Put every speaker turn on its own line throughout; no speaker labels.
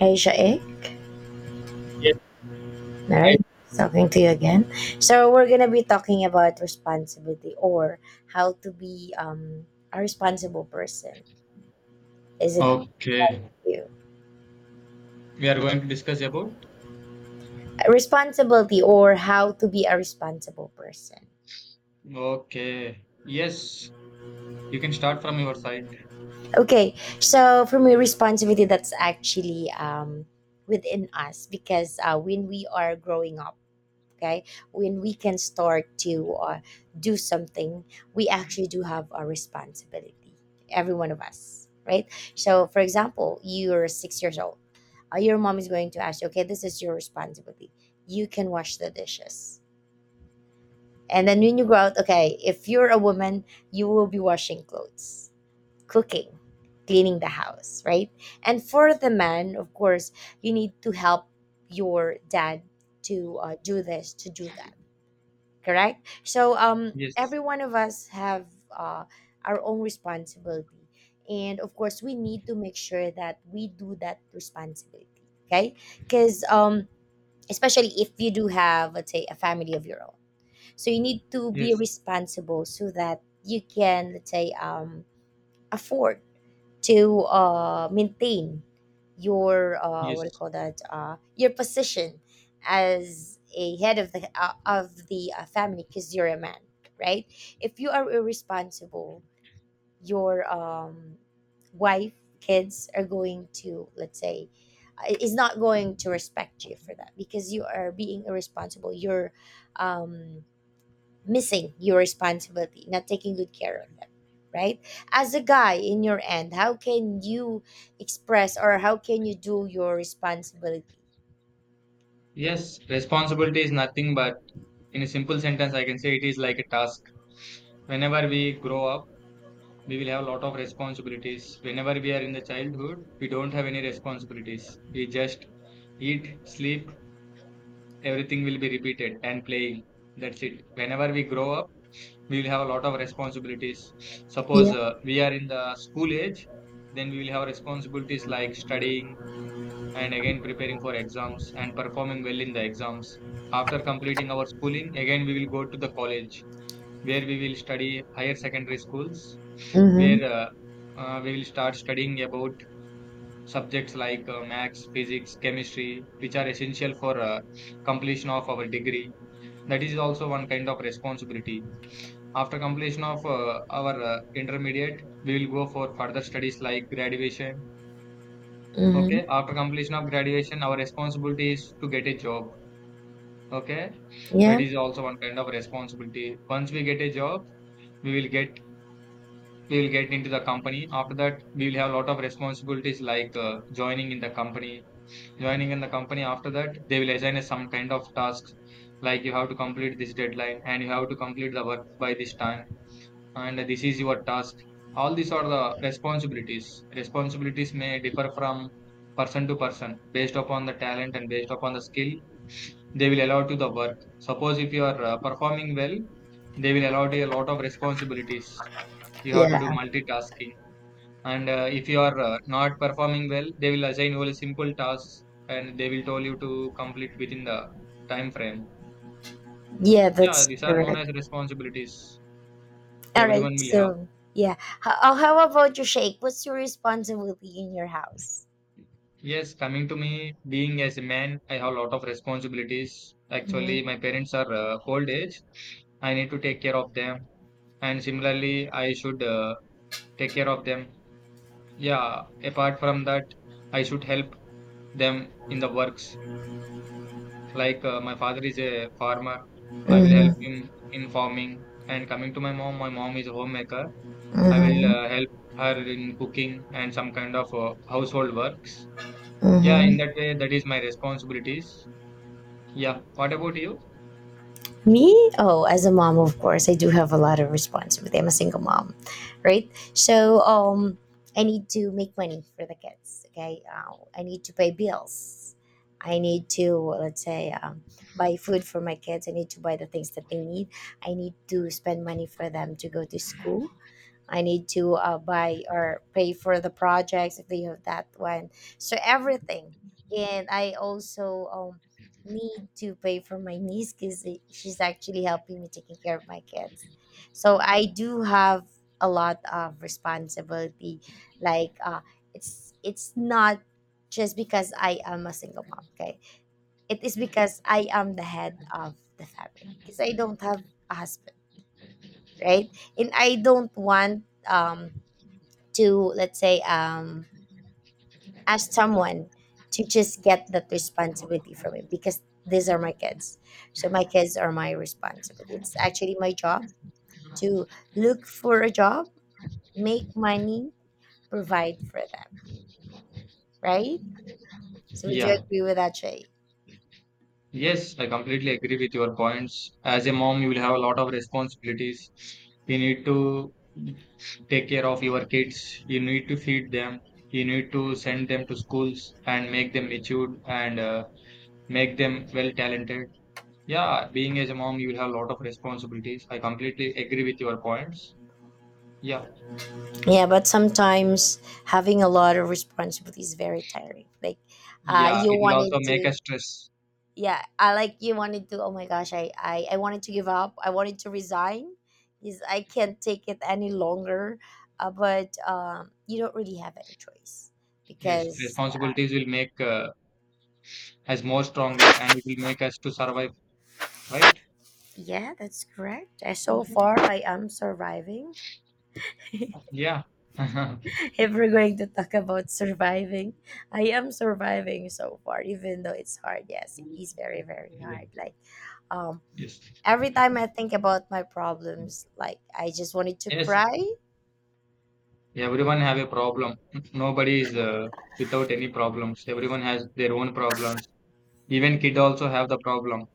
Aisha A.
Yes, I
Alright, talking to you again. So we're gonna be talking about responsibility, or how to be a responsible person. Is it
okay.
you?
We are going to discuss about
Responsibility or how to be a responsible person.
okay. Yes, you can start from your side.
Okay, so for me, responsibility, that's actually within us, because when we are growing up, okay, when we can start to do something, we actually do have a responsibility, every one of us, right? So for example, you're 6 years old. Your mom is going to ask you, okay, this is your responsibility, you can wash the dishes. And then when you grow out, okay, if you're a woman, you will be washing clothes, cooking, cleaning the house, right? And for the man, of course, you need to help your dad to do this, to do that, correct. So
Yes,
every one of us have our own responsibility, and of course we need to make sure that we do that responsibility, okay, because especially if you do have, let's say, a family of your own. So you need to be
yes,
responsible, so that you can, let's say, afford to maintain your, what do you
yes,
call that, your position as a head of the family, because you're a man, right? If you are irresponsible, your wife, kids are going to, let's say, is not going to respect you for that, because you are being irresponsible, you're um, missing your responsibility, not taking good care of them, right? As a guy in your end, how can you express, or how can you do your responsibility?
yes. Responsibility is nothing but in a simple sentence, I can say it is like a task. Whenever we grow up, we will have a lot of responsibilities. Whenever we are in the childhood, we don't have any responsibilities. We just eat, sleep, everything will be repeated and playing. That's it. Whenever we grow up, we will have a lot of responsibilities. Suppose
Yeah.
we are in the school age, then we will have responsibilities like studying, and again preparing for exams and performing well in the exams. After completing our schooling, again we will go to the college where we will study higher secondary schools,
Mm-hmm.
where we will start studying about subjects like maths, physics, chemistry, which are essential for completion of our degree. That is also one kind of responsibility. After completion of our intermediate, we will go for further studies like graduation.
Mm-hmm.
Okay. After completion of graduation, our responsibility is to get a job. Okay. That
Yeah.
is also one kind of responsibility. Once we get a job, we will get we will get into the company. After that, we will have a lot of responsibilities like joining in the company. Joining in the company, after that, they will assign us some kind of tasks, like you have to complete this deadline and you have to complete the work by this time, and this is your task. All these are the responsibilities. Responsibilities may differ from person to person based upon the talent and based upon the skill they will allow to the work. Suppose if you are performing well, they will allow you a lot of responsibilities. You have to do
Yeah.
multitasking. And if you are not performing well, they will assign only simple tasks, and they will tell you to complete within the time frame.
Yeah,
Yeah,
that's
these are known
correct.
as responsibilities.
All right.
Everyone will have.
So, yeah. How about your shake? What's your responsibility in your house?
Yes, coming to me, being as a man, I have a lot of responsibilities. Actually,
Mm-hmm.
my parents are old age. I need to take care of them, and similarly, I should take care of them. Yeah, apart from that, I should help them in the works. Like my father is a farmer, I will help
Mm-hmm.
him in farming. And coming to my mom is a homemaker. I will help her in cooking and some kind of household works. Yeah,
Mm-hmm.
in that way, that is my responsibilities. Yeah. What about you?
Me? Oh, as a mom, of course, I do have a lot of responsibility. I'm a single mom, right? So, I need to make money for the kids. Okay, I need to pay bills. I need to, let's say, buy food for my kids. I need to buy the things that they need. I need to spend money for them to go to school. I need to buy or pay for the projects if they have that one. So everything, and I also need to pay for my niece, because she's actually helping me taking care of my kids. So I do have a lot of responsibility. Like it's not just because I am a single mom. Okay, it is because I am the head of the family, because I don't have a husband, right? And I don't want to, let's say, ask someone to just get that responsibility from me, because these are my kids. So my kids are my responsibility, it's actually my job to look for a job, make money, provide for them, right? So would you
Yeah.
agree with that, shay?
Yes, I completely agree with your points. As a mom, you will have a lot of responsibilities. You need to take care of your kids. You need to feed them. You need to send them to schools and make them matured and make them well talented. Yeah, being as a mom, you will have a lot of responsibilities. I completely agree with your points. Yeah.
Yeah, but sometimes having a lot of responsibility is very tiring. Like
Yeah,
you
it will also
wanted
make us
to,
stress.
yeah, I like you wanted to, oh my gosh, I wanted to give up, I wanted to resign. Is, I can't take it any longer. But you don't really have any choice,
Yes,
because
responsibilities will make us more stronger, and it will make us to survive, right?
yeah, that's correct. So
Yeah.
far I am surviving. If we're going to talk about surviving, I am surviving so far, even though it's hard. Yes, it is very very hard. Like um
Yes.
every time I think about my problems, like I just wanted to
Yes.
cry.
Everyone have a problem. Nobody is without any problems. Everyone has their own problems. Even kid also have the problem.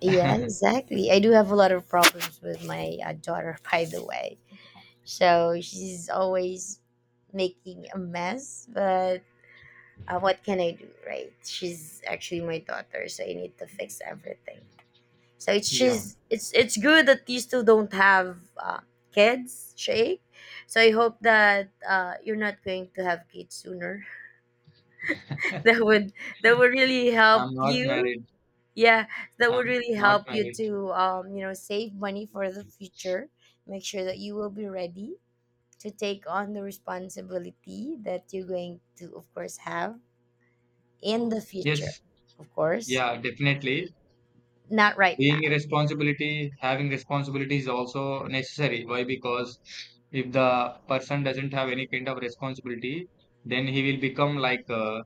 Yeah, exactly. I do have a lot of problems with my daughter, by the way. So she's always making a mess, but what can I do, right? She's actually my daughter, so I need to fix everything. So it's
Yeah.
just it's good that you still don't have kids, Shay. So I hope that you're not going to have kids sooner. That would, that would really help
I'm not
you.
married.
Yeah, that would
I'm
really
not
help you
married.
to save money for the future. Make sure that you will be ready to take on the responsibility that you're going to of course have in the future.
Yes.
Of course,
Yeah. Definitely.
not right now.
Being a responsibility, having responsibility is also necessary. Why? Because if the person doesn't have any kind of responsibility, then he will become like a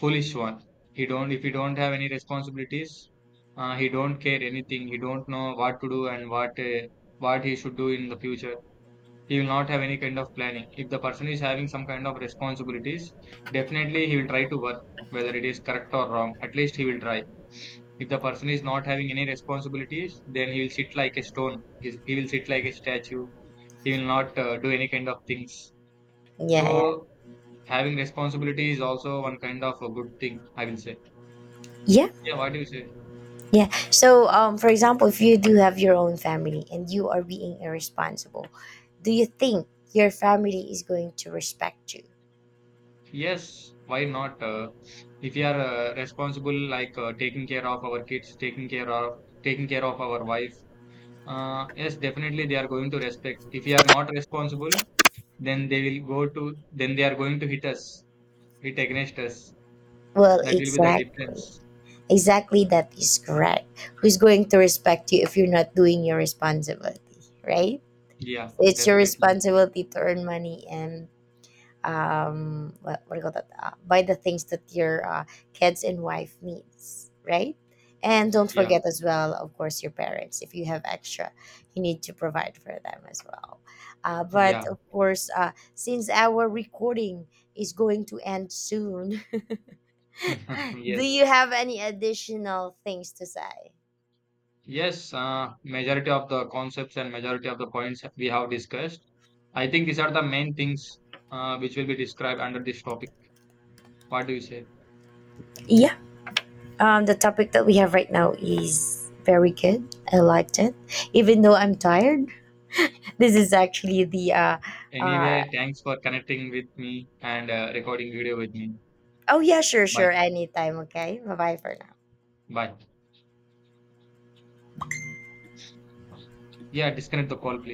foolish one. He don't If he don't have any responsibilities, he don't care anything, he don't know what to do and what he should do in the future. He will not have any kind of planning. If the person is having some kind of responsibilities, definitely he will try to work, whether it is correct or wrong, at least he will try. If the person is not having any responsibilities, then he will sit like a stone. He will sit like a statue. He will not do any kind of things.
Yeah.
So having responsibility is also one kind of a good thing, I will say.
Yeah. Yeah.
Yeah. What do you say?
Yeah. So, for example, if you do have your own family and you are being irresponsible, do you think your family is going to respect you?
Yes. Why not? If you are responsible, like taking care of our kids, taking care of our wife. Yes, definitely they are going to respect. If you are not responsible, then they are going to hit against us.
Well,
That will be the
exactly.
difference.
Exactly, that is correct. Who's going to respect you if you're not doing your responsibility, right?
Yeah,
It's your
definitely.
responsibility to earn money, and what do you call that? Buy the things that your kids and wife needs, right? And don't
Yeah,
forget as well, of course, your parents. If you have extra, you need to provide for them as well. But
yeah.
of course, since our recording is going to end soon, do
Yes.
you have any additional things to say?
Yes, majority of the concepts and majority of the points we have discussed. I think these are the main things which will be described under this topic. What do you say?
Yeah. The topic that we have right now is very good. I liked it. Even though I'm tired, this is actually the. Uh,
Anyway, thanks for connecting with me and recording video with me.
oh, yeah, sure,
Bye.
sure. Anytime. Okay. Bye bye for now.
Bye. Yeah, disconnect the call, please.